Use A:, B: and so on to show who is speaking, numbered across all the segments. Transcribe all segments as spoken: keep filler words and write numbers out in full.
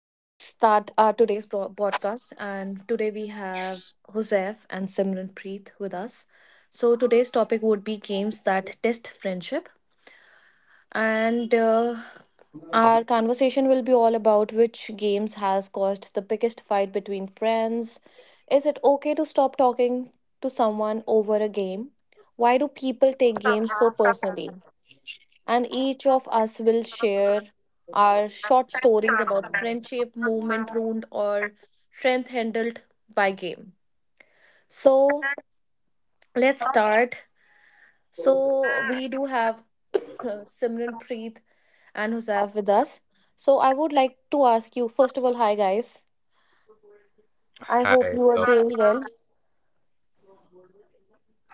A: Let's start our today's pro- podcast. And today we have Hosef and Simranpreet with us. So today's topic would be games that test friendship. And uh, Our conversation will be all about which games has caused the biggest fight between friends. Is it okay to stop talking to someone over a game? Why do people take games so personally? And each of us will share our short stories about friendship, movement ruined, or strength handled by game. So let's start. So we do have uh, Simran, Preet, and Husaif with us. So I would like to ask you first of all, hi guys. I hope
B: Hi,
A: you are
B: love.
A: doing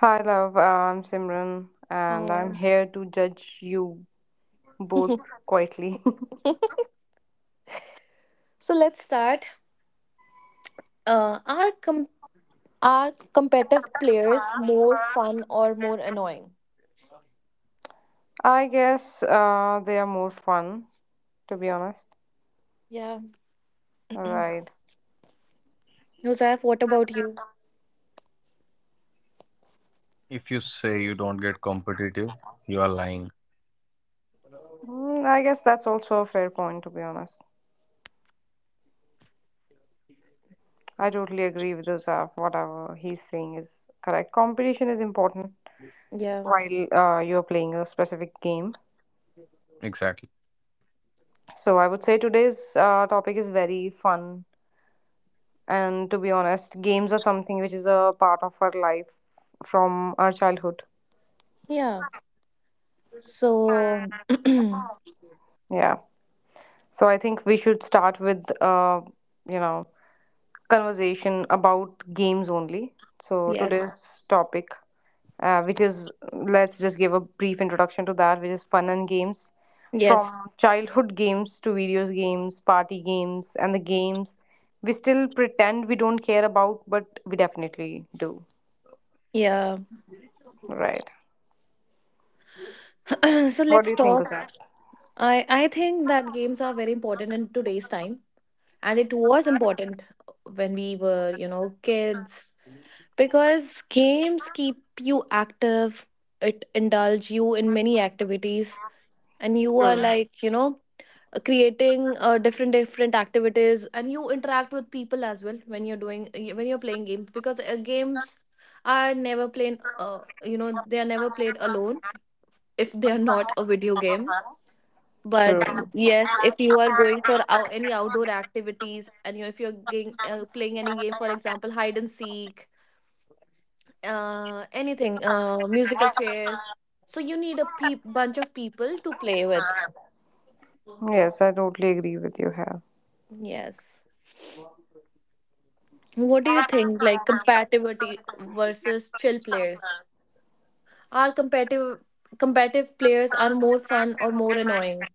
C: Hi, love. Uh, I'm Simran, and I'm
A: well.
C: here to judge you both
A: Uh,
C: quietly.
A: so let's start. Uh, are com- are competitive players more fun or more annoying?
C: I guess uh, they are more fun, to be honest.
A: Yeah.
C: Right.
A: Husaif, what about you?
B: If you say you don't get competitive, you are lying.
C: Mm, I guess that's also a fair point, to be honest. I totally agree with Joseph. Whatever he's saying is correct. Competition is important
A: Yeah,
C: while uh, you're playing a specific game.
B: Exactly.
C: So I would say today's uh, topic is very fun. And to be honest, games are something which is a part of our life from our childhood.
A: yeah. So,
C: Yeah. So I think we should start with uh, you know, conversation about games only. So
A: yes,
C: today's topic, uh, which is, let's just give a brief introduction to that, which is fun and games.
A: yes,
C: From childhood games to videos games, party games, and the games we still pretend we don't care about, but we definitely do.
A: yeah.
C: Right.
A: So
C: What do
A: let's
C: you think,
A: talk.
C: Usha?
A: I I think that games are very important in today's time, and it was important when we were, you know, kids because games keep you active. It indulge you in many activities, and you are like, you know, uh, creating uh, different different activities, and you interact with people as well when you're doing when you're playing games, because uh, games are never played, uh, you know, they are never played alone if they are not a video game.
C: True.
A: But
C: True.
A: yes, if you are going for out, any outdoor activities, and you if you're getting, uh, playing any game, for example, hide and seek, uh, anything, uh, musical chairs, so you need a peop bunch of people to play with.
C: Yes, I totally agree with you here.
A: Yes. What do you think, like, compatibility versus chill players? Are competitive competitive players are more fun or more annoying?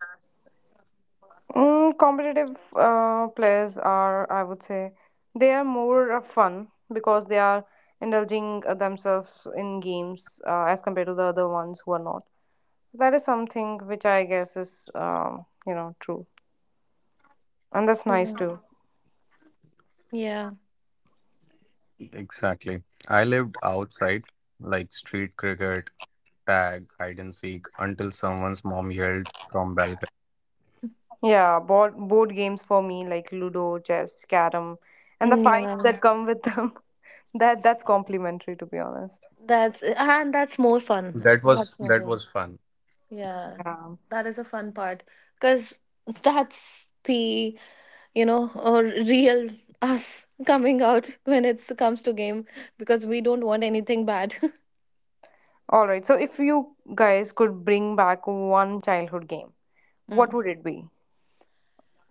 C: Mm, competitive uh, players are, I would say, they are more uh, fun because they are indulging uh, themselves in games uh, as compared to the other ones who are not. That is something which I guess is, um, you know, true. And that's nice
A: Yeah,
C: too.
A: yeah.
B: Exactly. I lived outside, like street cricket, tag, hide and seek, until someone's mom yelled from balcony.
C: Yeah, board, board games for me like Ludo, chess, carom, and the
A: Mm, yeah.
C: fights that come with them. That that's complimentary, to be honest.
A: That's, and that's more fun.
B: That was
A: That's more
B: that
A: fun.
B: was fun.
A: Yeah,
C: Yeah.
A: that is a fun part, because that's the, you know, or real us coming out when it comes to game, because we don't want anything bad.
C: All right. So if you guys could bring back one childhood game, what
A: Mm.
C: would it be?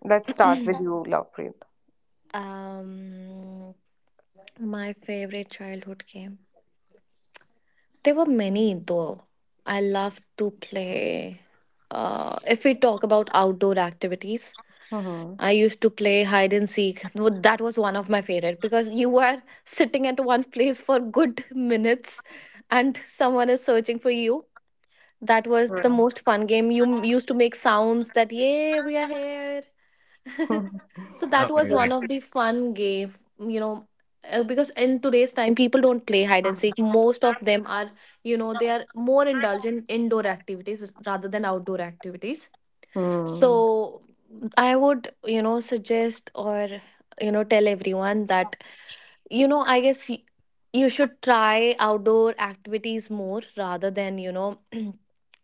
C: Let's start with you, Lovepreet.
A: um My favorite childhood game. There were many though. I loved to play. Uh, if we talk about outdoor activities,
C: Mm-hmm.
A: I used to play hide and seek. No, that was one of my favorite, because you were sitting at one place for good minutes, and someone is searching for you. That was the most fun game. You m- used to make sounds that yeah, we are here. So that was one
B: Amazing.
A: of the fun game, you know, uh, because in today's time people don't play hide and seek. Most of them are, you know, they are more indulgent in indoor activities rather than outdoor activities.
C: Hmm.
A: So I would, you know, suggest or you know tell everyone that you know I guess, y- you should try outdoor activities more rather than, you know,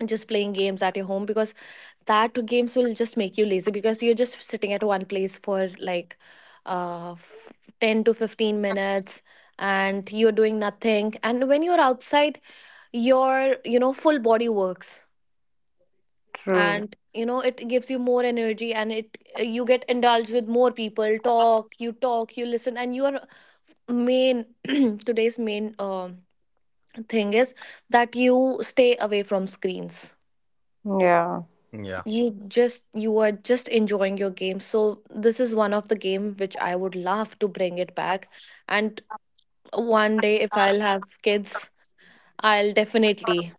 A: just playing games at your home, because that games will just make you lazy, because you're just sitting at one place for like uh, f- ten to fifteen minutes and you're doing nothing, and when you're outside your, you know, full body works,
C: True.
A: and you know it gives you more energy, and it you get indulged with more people, talk, you talk, you listen, and your main today's main um thing is that you stay away from screens.
C: Yeah.
B: Yeah,
A: You just, you are just enjoying your game. So this is one of the game which I would love to bring it back. And one day if I'll have kids, I'll definitely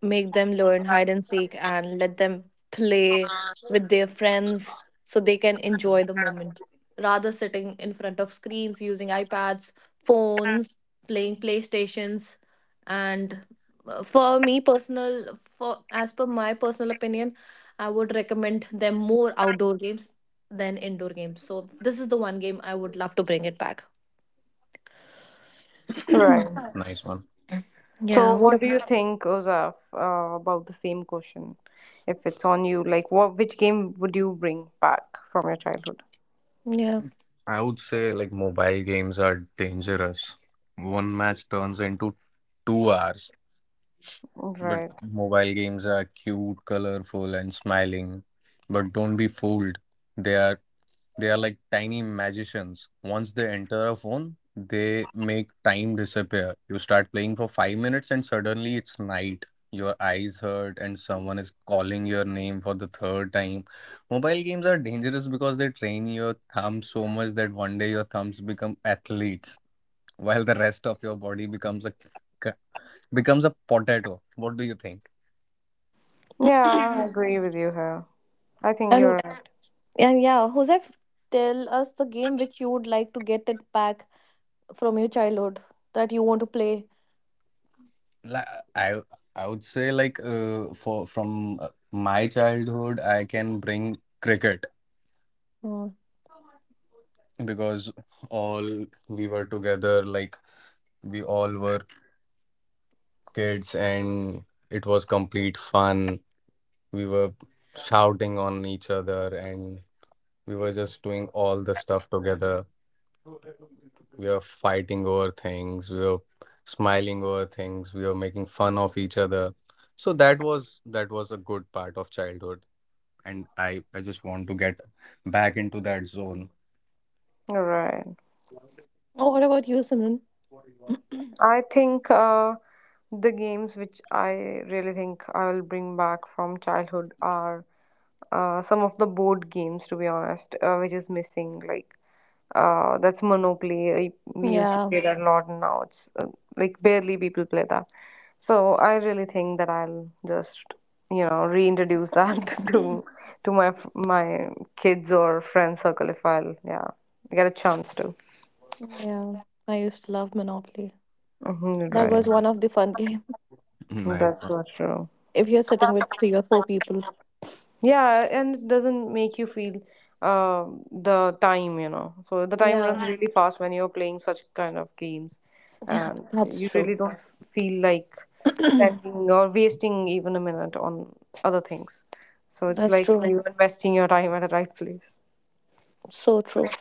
A: make them learn hide and seek and let them play with their friends so they can enjoy the moment rather sitting in front of screens using iPads, phones, playing PlayStations, and uh, for me personal, for as per my personal opinion, I would recommend them more outdoor games than indoor games. So this is the one game I would love to bring it back.
C: Right.
B: nice one.
A: Yeah,
C: So,
A: what
C: what
A: a,
C: do you think, Ozaf, uh, about the same question? If it's on you, like, what which game would you bring back from your childhood?
A: yeah.
B: I would say like mobile games are dangerous. One match turns into two hours, but
C: Right.
B: mobile games are cute, colorful, and smiling. But don't be fooled. They are They are like tiny magicians. Once they enter a phone, they make time disappear. You start playing for five minutes and suddenly it's night. Your eyes hurt and someone is calling your name for the third time. Mobile games are dangerous because they train your thumb so much that one day your thumbs become athletes while the rest of your body becomes a c- becomes a potato. What do you think?
C: Yeah, I agree with you here. I think you're
A: and
C: right.
A: And yeah, Josef, tell us the game which you would like to get it back from your childhood that you want to play.
B: Like, I I would say like uh, for from uh, my childhood, I can bring cricket.
A: Oh,
B: Because all we were together, like we all were kids, and it was complete fun. We were shouting on each other, and we were just doing all the stuff together. We were fighting over things, we were smiling over things, we were making fun of each other. So that was that was a good part of childhood. And I, I just want to get back into that zone.
C: You're right.
A: oh what about you, Simran?
C: I think uh, The games which I really think I will bring back from childhood are uh, some of the board games, to be honest, uh, which is missing. Like uh, that's Monopoly. I, we used to
A: Yeah.
C: play that a lot, and now it's uh, like barely people play that. So I really think that I'll just you know reintroduce that to to my my kids or friend circle, if I'll, yeah, get a chance to.
A: Yeah. I used to love Monopoly.
C: Hmm,
A: That
C: right,
A: was
B: Mm.
A: one of the fun game.
B: Nice
C: that's
B: one.
C: so true.
A: If you're sitting with three or four people.
C: Yeah, and it doesn't make you feel uh, the time, you know. So the time
A: Yeah.
C: runs really fast when you're playing such kind of games,
A: Yeah,
C: and
A: that's
C: you
A: true.
C: really don't feel like
A: That's
C: spending or wasting even a minute on other things. So it's like
A: true.
C: you're investing your time at the right place.
A: So true.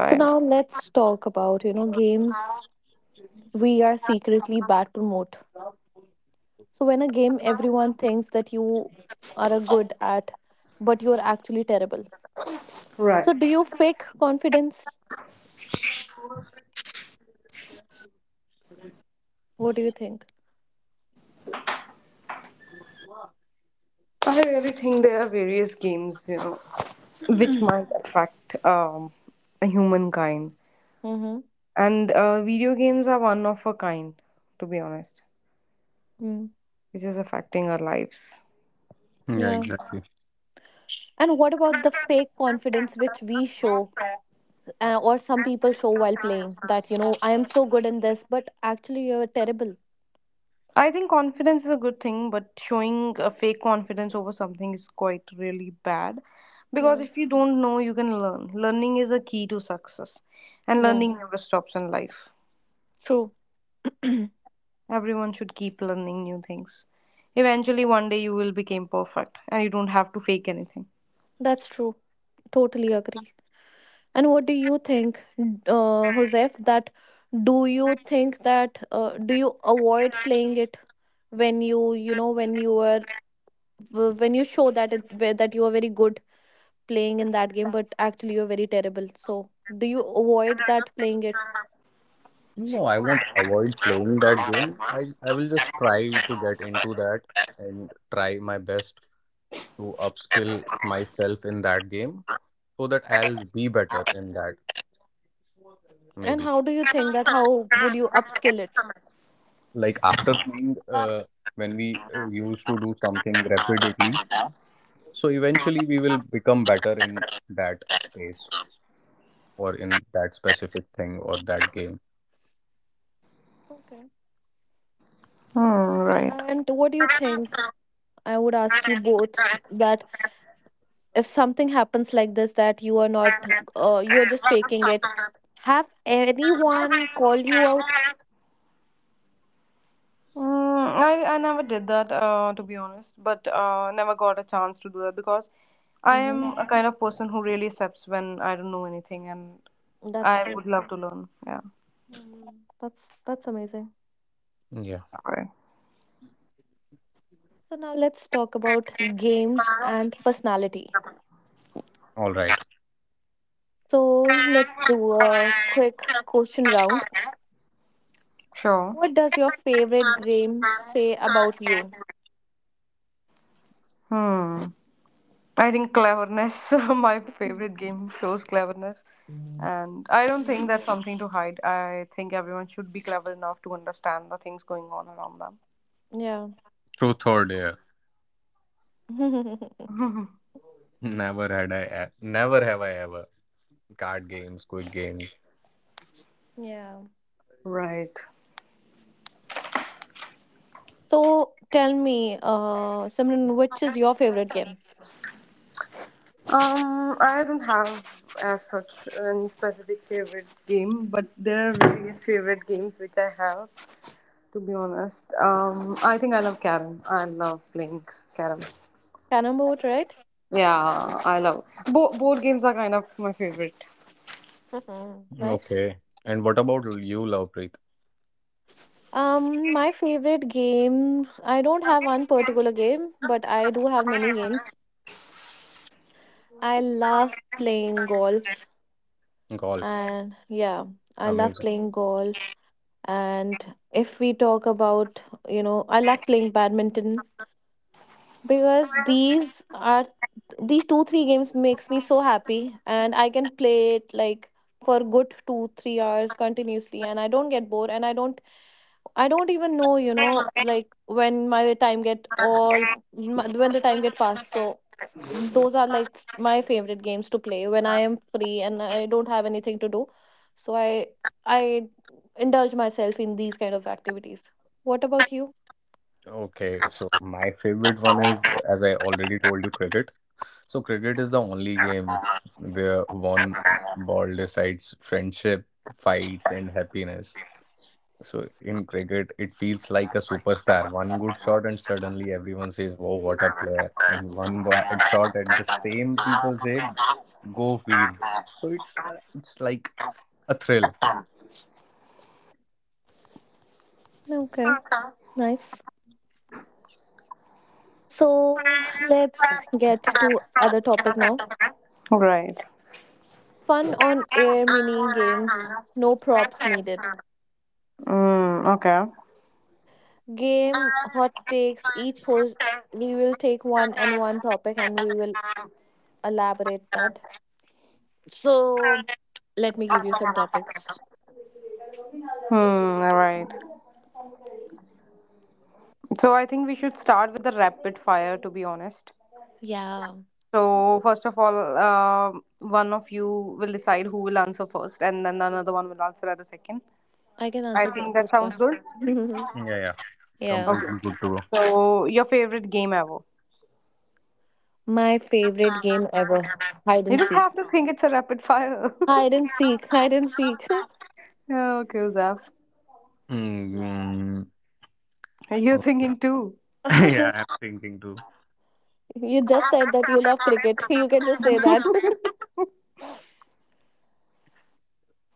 A: So now let's talk about, you know, games we are secretly bad to promote. So when a game everyone thinks that you are a good at, but you're actually terrible. So
C: Right.
A: do you fake confidence? What do you think?
C: I really think there are various games, you know, which might affect um, humankind.
A: Mm-hmm.
C: And uh, video games are one of a kind, to be honest,
A: Mm.
C: which is affecting our lives.
B: Yeah,
A: Yeah.
B: exactly.
A: And what about the fake confidence which we show, uh, or some people show while playing? That you know, I am so good in this, but actually you're terrible.
C: I think confidence is a good thing, but showing a fake confidence over something is quite really bad. Because
A: Yeah.
C: if you don't know, you can learn. Learning is a key to success, and
A: Yeah.
C: learning never stops in life.
A: True.
C: Everyone should keep learning new things. Eventually, one day you will become perfect, and you don't have to fake anything.
A: That's true. Totally agree. And what do you think, uh, Joseph? That do you think that uh, do you avoid playing it when you you know, when you are, when you show that it where- that you are very good playing in that game, but actually you are very terrible. So do you avoid that playing it?
B: No, I won't avoid playing that game. I, I will just try to get into that and try my best to upskill myself in that game so that I'll be better in that,
A: And
B: maybe.
A: how do you think that how would you upskill it?
B: Like after playing, uh, when we uh, used to do something repeatedly, so eventually we will become better in that space or in that specific thing or that game.
A: Okay.
C: Hmm,
A: And what do you think? I would ask you both that if something happens like this that you are not uh, you are just faking it, have anyone call you out.
C: right. Mm, I, I never did that, uh, to be honest, but uh, never got a chance to do that because I
A: Mm-hmm.
C: am a kind of person who really accepts when I don't know anything, and
A: That's
C: I
A: true.
C: would love to learn. Yeah.
A: Mm, that's that's amazing.
B: Yeah.
C: Right.
A: So now let's talk about games and personality.
B: All right.
A: So let's do a quick question round.
C: Sure.
A: What does your favorite game say about you?
C: Hmm. I think cleverness. My favorite game shows cleverness, and I don't think
A: Mhm.
C: that's something to hide. I think everyone should be clever enough to understand the things going on around
A: Yeah.
B: Truth or dare?
A: Yeah.
C: them.
B: Never had I, e- never have I ever. Card games, quick game.
A: Yeah.
C: Right.
A: So tell me, uh, Simran, which is your favorite game?
C: Um, I don't have as such any specific favorite game, but there are various favorite games which I have. To be honest, um, I think I love Carrom. I love playing Carrom.
A: Cannonball right?
C: Yeah, I love Bo- board games are kind of my favorite.
A: Mhm, nice.
B: Okay. And what about you, Lovepreet?
A: Um, my favorite game, I don't have one particular game, but I do have many games. I love playing golf,
B: Golf.
A: and yeah, I love
B: Amazing.
A: playing golf. And if we talk about, you know, I love playing badminton, because these are these two three games makes me so happy, and I can play it like for good two three hours continuously, and I don't get bored, and I don't I don't even know, you know, like when my time get all my- when the time get passed. So those are like f- my favorite games to play when I am free and I don't have anything to do. So I I indulge myself in these kind of activities. What about you?
B: Okay, so my favorite one is, as I already told you, cricket. So cricket is the only game where one ball decides friendship, fights, and happiness. So in cricket, it feels like a superstar. One good shot, and suddenly everyone says, "Wow, what a player!" And one bad shot, at the same people say, "Go field." So it's uh, it's like a thrill.
A: Okay, nice. So let's get to other topic now.
C: Right.
A: Fun on air mini games. No props needed.
C: Mm, okay.
A: Game hot takes. Each host we will take one and one topic, and we will elaborate that. So let me give you some topics.
C: Hmm, right. So I think we should start with the rapid fire, to be honest.
A: Yeah,
C: So, first of all, uh, one of you will decide who will answer first, and then another one will answer at the second.
A: I can
C: I
A: answer the
C: think that
A: first one.
C: sounds good.
B: Yeah, yeah.
A: Yeah.
C: Okay.
B: Completely good to go.
C: So, your favorite game ever?
A: My favorite game ever. Hide
C: You
A: and
C: don't
A: seek.
C: have to think, it's a rapid fire.
A: Hide and seek. Hide and seek.
C: Oh, okay, Uzaf.
B: Mm,
C: You're
B: okay.
C: thinking too.
B: Yeah, I'm thinking to
A: You just said that you love cricket. You can just say that.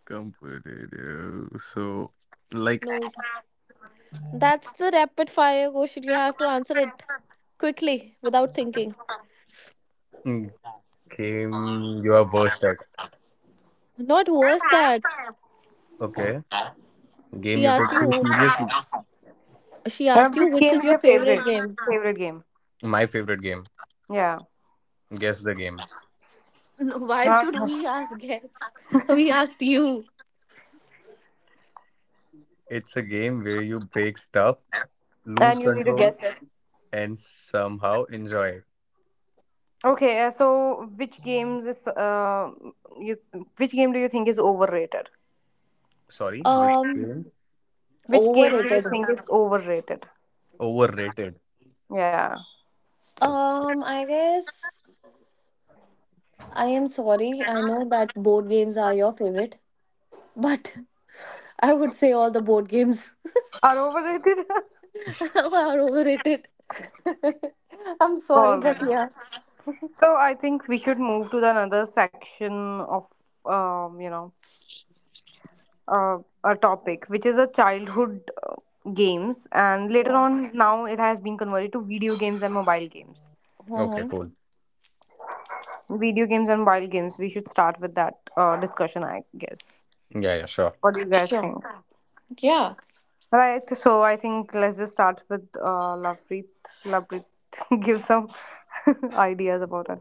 B: competitive. So, like,
A: No. That's the rapid fire question. You have to answer it quickly without thinking.
B: mm, game you are worst at.
A: Not worse that,
B: Okay. Game
A: she
B: you
A: asked
B: take too
A: you.
B: seriously.
A: She
C: Uh,
A: asked you
C: Which
A: which
C: game
A: is
C: is
A: your
C: your favorite?
A: favorite game.
C: Favorite game?
B: My favorite game.
C: Yeah.
B: Guess the game.
A: Why should we
C: Okay.
A: ask guess? We asked you.
B: It's a game where you break stuff, lose
C: And you need to
B: control,
C: guess it.
B: and somehow enjoy it.
C: Okay, uh, so which games is uh, you which game do you think is overrated?
B: Sorry, which
A: Um,
B: game?
C: Which game do you
A: overrated.
C: think is overrated?
B: Overrated.
C: Yeah.
B: Okay,
A: Um, I guess I am sorry. I know that board games are your favorite, but I would say all the board games
C: Are overrated?
A: are overrated. I'm sorry,
C: All
A: but yeah.
C: right. So I think we should move to the another section of um, you know, uh, a topic which is a childhood uh, games, and later
A: Yeah.
C: on now it has been converted to video games and mobile games.
B: okay,
A: Hmm.
B: cool.
C: Video games and mobile games. We should start with that uh, discussion, I guess.
B: Yeah, yeah, sure.
C: What do you guys
A: Sure.
C: think?
A: Yeah.
C: Right, so I think let's just start with uh, Lovepreet. Lovepreet, give some ideas about it.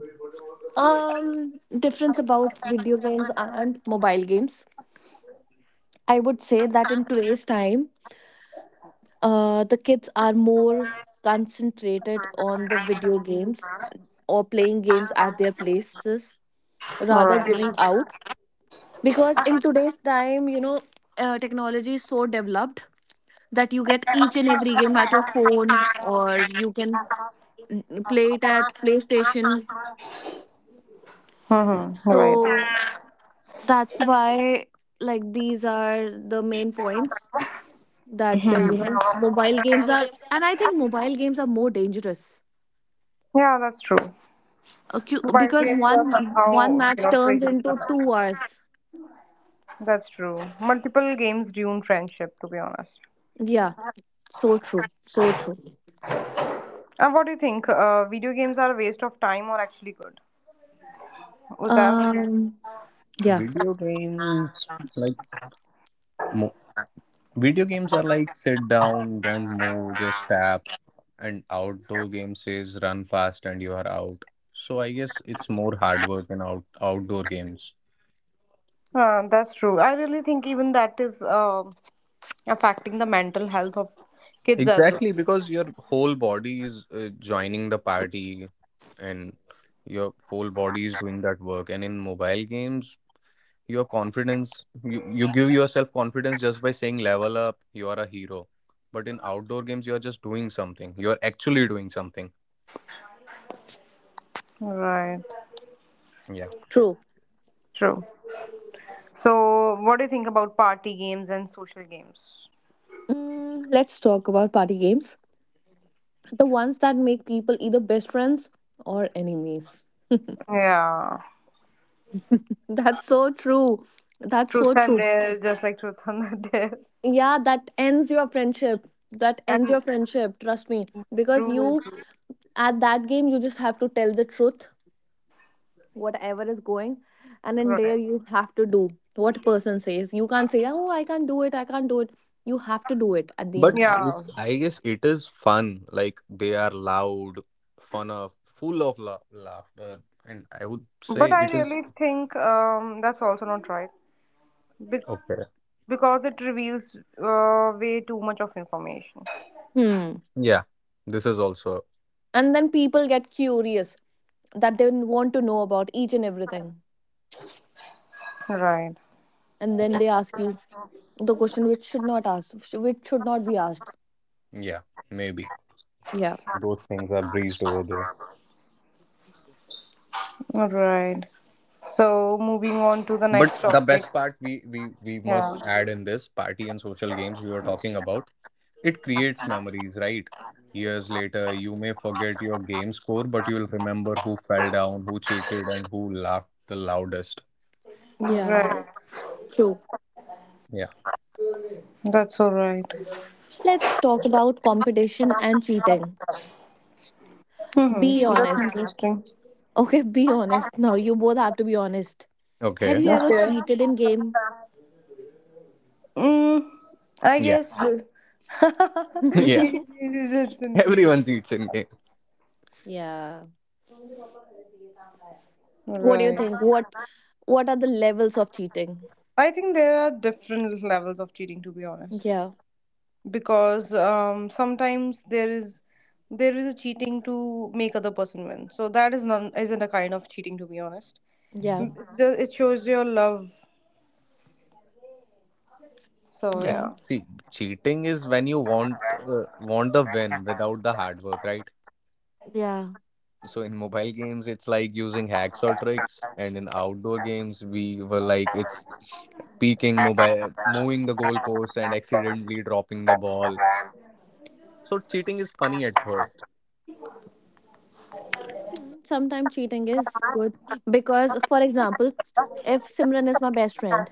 A: Um, difference about video games and mobile games. I would say that in today's time, uh, the kids are more concentrated on the video games or playing games at their places rather
C: Right.
A: going out. Because in today's time, you know, uh, technology is so developed that you get each and every game at your phone or you can mm, play it at PlayStation.
C: Mm-hmm. Right.
A: So that's why, like, these are the main points that uh, you know. Yeah. Mobile games are, and I think mobile games are more dangerous.
C: Yeah, that's true.
A: Uh, cu-
C: But
A: because yeah.
C: games are
A: One one
C: somehow, you
A: match
C: know,
A: turns into
C: triggering.
A: two hours.
C: That's true. Multiple games ruin friendship, to be honest.
A: Yeah, so true. So true.
C: And what do you think? Uh, video games are a waste of time or actually good? Was that?
A: Um, yeah,
B: Video games, like, mo Video games are like sit down, don't move, just tap. And outdoor game says run fast and you are out. So I guess it's more hard work in out outdoor games.
C: Uh, that's true. I really think even that is uh, affecting the mental health of kids as well.
B: Exactly, because your whole body is uh, joining the party, and your whole body is doing that work. And in mobile games, your confidence, you, you give yourself confidence just by saying level up, you are a hero. But in outdoor games, you are just doing something. You are actually doing something.
C: Right.
B: Yeah.
A: true.
C: True. So, what do you think about party games and social games?
A: Mm, let's talk about party games, the ones that make people either best friends or enemies.
C: Yeah.
A: That's so true. That's so
C: Truth and
A: true.
C: Dare, just like Truth and Dare.
A: Yeah, that ends your friendship. That ends
C: And
A: your friendship, trust me. Because
C: true,
A: you,
C: true.
A: at that game you just have to tell the truth whatever is going, and in
C: Right.
A: there you have to do what person says. You can't say oh I can't do it, I can't do it. You have to do it at the
B: But
A: end.
B: it,
C: Yeah.
B: I guess it is fun. Like they are loud, fun of, full of la laughter, and I would say
C: But I
B: it is
C: really think um, that's also not right. Be-
B: okay.
C: because it reveals uh, way too much of information.
A: Hmm,
B: Yeah, this is also,
A: and then people get curious that they want to know about each and everything,
C: Right,
A: and then they ask you the question which should not ask, which should not be asked.
B: yeah, maybe
A: Yeah.
B: those things are breezed over there.
C: right. So moving on to the
B: But
C: next
B: the best
C: topics.
B: part we we we must
C: Yeah,
B: add in this party and social games we were talking about, it creates memories, right? Years later, you may forget your game score, but you'll remember who fell down, who cheated, and who laughed the loudest.
A: Yeah,
C: right.
A: true.
B: Yeah.
C: That's all right.
A: Let's talk about competition and cheating.
C: Mm-hmm.
A: Be
C: That's
A: honest.
C: interesting.
A: Okay, be honest, now you both have to be honest. Have
B: Okay.
A: you ever
C: Okay.
A: cheated in game?
C: Mm, I
B: Yeah.
C: guess this.
B: Yeah,
C: Resistantly.
B: everyone cheats in game.
A: Yeah. What do you
C: Right.
A: think? What what are the levels of cheating?
C: I think there are different levels of cheating, to be honest.
A: Yeah,
C: Because um, sometimes there is there is a cheating to make other person win, so that is not isn't a kind of cheating, to be honest.
A: yeah.
C: Mm, it's just, it shows your love, so
B: Yeah,
A: Mm-hmm.
B: see, cheating is when you want uh, want the win without the hard work, right?
A: Yeah.
B: So in mobile games, it's like using hacks or tricks, and in outdoor games we were like it's peeking mobile, moving the goalpost, and accidentally dropping the ball. So cheating is funny at first.
A: Sometimes cheating is good because, for example, if Simran is my best friend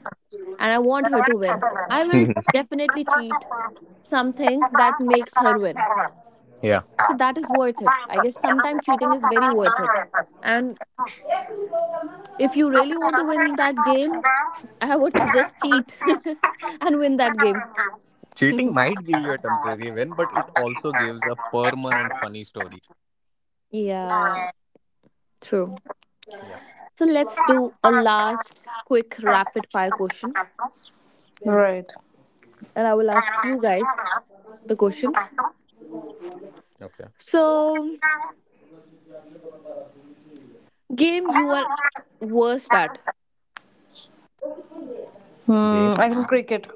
A: and I want her to win, I will
B: Mhm.
A: definitely cheat something that makes her win.
B: Yeah,
A: So that is worth it. I guess sometimes cheating is very worth it. And if you really want to win that game, I would suggest cheat and win
C: yeah.
A: that game.
B: cheating might give you a temporary win, but it also gives a permanent funny story.
A: Yeah, true.
B: Yeah.
A: So let's do a last quick rapid fire question.
C: Right.
A: And I will ask you guys the questions.
B: Okay.
A: So, game you are worst at.
C: Hmm,
B: Game?
C: I think cricket.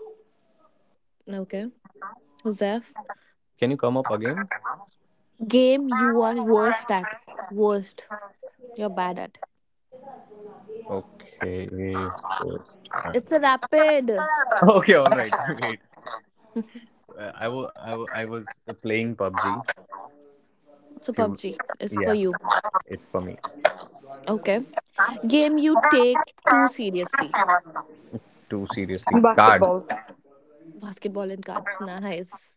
A: Okay, Joseph.
B: Can you come up again?
A: Game you are worst at. Worst. You're bad at.
B: Okay, of course. Uh,
A: It's a rapid.
B: Okay, all right. Wait, uh, I wa- I wa- I was uh, playing P U B G.
A: So,
B: Few,
A: PUBG is for
B: yeah,
A: you.
B: it's for me.
A: Okay. Game you take too seriously.
B: Too seriously, cards.
C: Basketball.
A: Basketball and cards. Nice.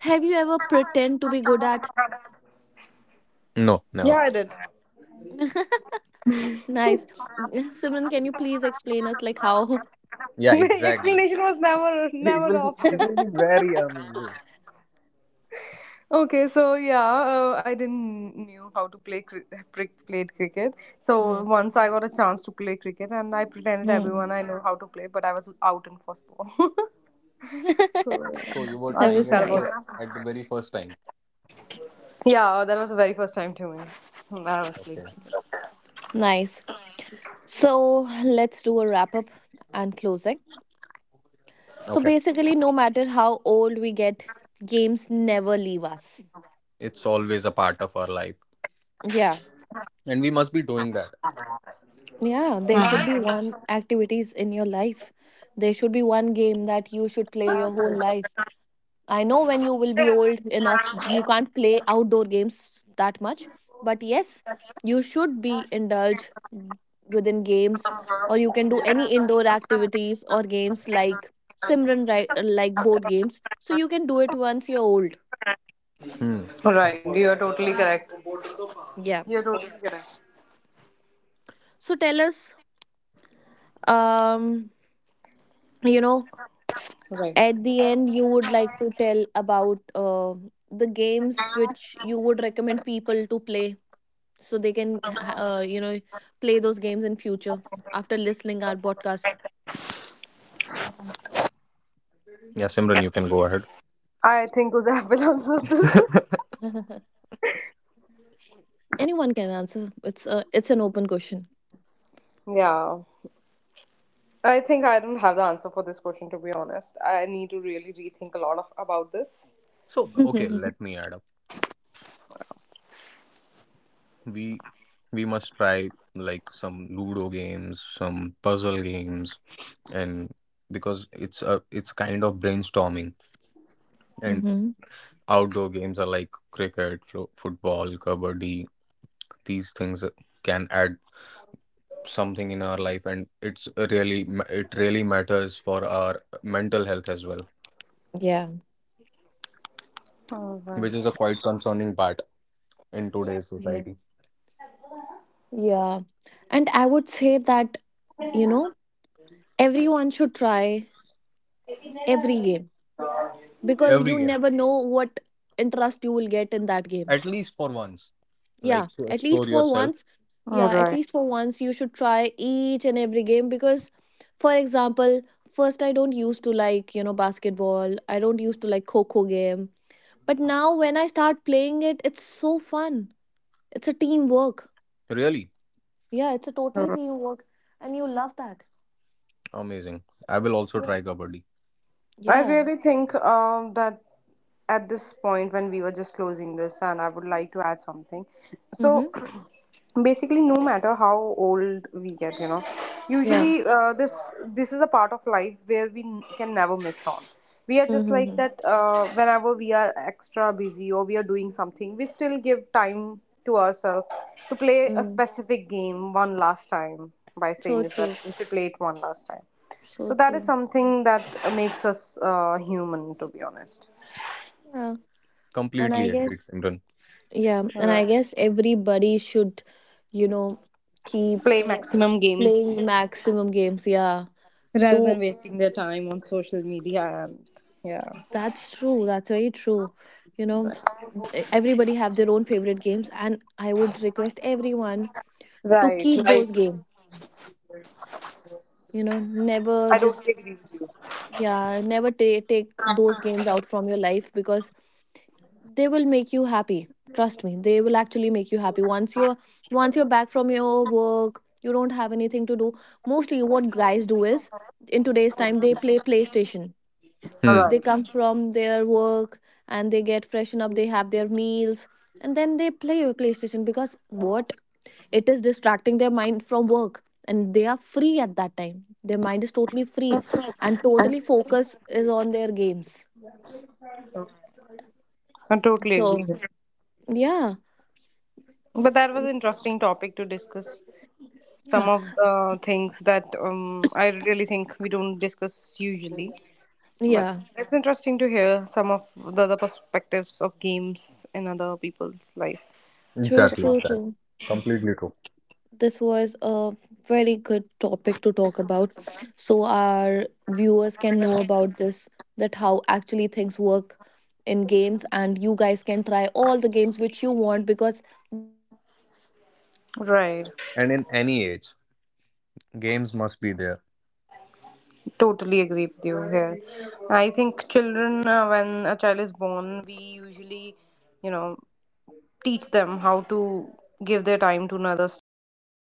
A: Have you ever pretend to be good at?
B: No,
C: Yeah,
B: never.
C: I did.
A: Nice. Simran, can you please explain us like how?
B: Yeah,
C: The
B: exactly.
C: explanation was never
B: It
C: never an
B: will be it
C: option.
B: will be very amazing.
C: Okay, so yeah, uh, I didn't knew how to play cri- pri- played cricket. So
A: Mm.
C: once I got a chance to play cricket, and I pretended
A: Mm.
C: everyone I know how to play, but I was out in first ball. So
B: So you
C: yeah,
B: were
C: I
A: That
C: feel
B: trying
A: was
C: sad
B: it
C: about it.
B: first
A: nice.
B: at the very first time.
C: Yeah, that was the very first time to me that I was playing
B: Okay.
C: cricket.
A: Nice. So let's do a wrap up and closing. So
B: Okay.
A: basically, no matter how old we get, games never leave us.
B: It's always a part of our life,
A: Yeah.
B: and we must be doing that.
A: Yeah. There should be
C: Mhm.
A: one activities in your life. There should be one game that you should play your whole life. I know when you will be old enough, you can't play outdoor games that much. But yes, you should be indulged within games, or you can do any indoor activities or games like Simran, right? Like board games. So you can do it once you're old.
B: Hmm.
C: Right, you're totally correct.
A: Yeah.
C: You're totally correct.
A: So tell us, um, you know,
C: Right.
A: at the end, you would like to tell about uh, the games which you would recommend people to play so they can uh, you know play those games in future after listening our podcast.
B: Yeah, Simran, you can go ahead.
C: I think Uzab will answer this.
A: Anyone can answer, it's a it's an open question.
C: Yeah. I think I don't have the answer for this question, to be honest. I need to really rethink a lot of about this.
B: So, okay,
A: Hmm.
B: let me add up. We we must try like some ludo games, some puzzle games, and because it's a it's kind of brainstorming. And outdoor games are like cricket, fo- football, kabaddi. These things can add something in our life, and it's really it really matters for our mental health as well,
A: Yeah,
C: All right.
B: which is a quite concerning part in today's
A: yeah,
B: society.
A: yeah. And I would say that, you know everyone should try every game because
B: Every
A: you
B: game,
A: never know what interest you will get in that game.
B: at least for once,
A: Yeah,
B: like to
A: at least
B: explore
A: for
B: yourself.
A: once.
C: All
A: Yeah, at
C: right.
A: least for once you should try each and every game because, for example, first I don't used to like, you know, basketball. I don't used to like Coco game. But now when I start playing it, it's so fun. It's a teamwork.
B: Really
A: Yeah, it's a
C: All
A: totally
C: right.
A: teamwork. And you love that.
B: amazing. I will also
A: Yeah.
B: try Kabaddi.
C: I
A: Yeah.
C: really think um, that at this point when we were just closing this, and I would like to add something. So,
A: Mm-hmm.
C: basically, no matter how old we get, you know,
A: Yeah.
C: usually uh, this this is a part of life where we n- can never miss on. We are just like
A: Mm-hmm.
C: that. Uh, whenever we are extra busy or we are doing something, we still give time to ourselves to play a
A: Mm.
C: specific game one last time, by saying
A: So
C: this that
A: true.
C: we should play it one last time,
A: So
C: so that is
A: true.
C: something that makes us uh, human, to be honest.
A: Yeah. And I
B: Completely agreed,
A: guess,
B: Simran.
A: yeah. And
C: Right.
A: I guess everybody should, you know, keep
C: Play maximum games
A: playing maximum games, yeah,
C: rather than
A: to
C: wasting their time on social media and yeah.
A: that's true, that's very true, you know
C: Right,
A: e- everybody have their own favorite games and I would request everyone to
C: right.
A: keep those
C: Right.
A: games, you know never
C: I
A: just,
C: totally agree with you.
A: yeah never ta- take those games out from your life because they will make you happy. Trust me, they will actually make you happy once you're, once you're back from your work, you don't have anything to do. Mostly what guys do is in today's time they play playstation.
C: All
B: Hmm.
A: They
C: right.
A: come from their work and they get freshen up, they have their meals, and then they play a playstation because what, it is distracting their mind from work and they are free at that time, their mind is totally free and totally focus is on their games.
C: I totally agree.
A: So yeah.
C: But that was an interesting topic to discuss.
A: Yeah,
C: Some of the things that um, I really think we don't discuss usually. But
A: yeah.
C: it's interesting to hear some of the other perspectives of games in other people's life.
A: True,
C: So,
B: Exactly,
A: true,
B: exactly.
A: true.
B: Completely true.
A: This was a very good topic to talk about, so our viewers can know about this, that how actually things work in games, and you guys can try all the games which you want because
C: right,
B: And in any age, games must be there.
C: totally agree with you here. I think children, uh, when a child is born, we usually, you know, teach them how to give their time to another stuff.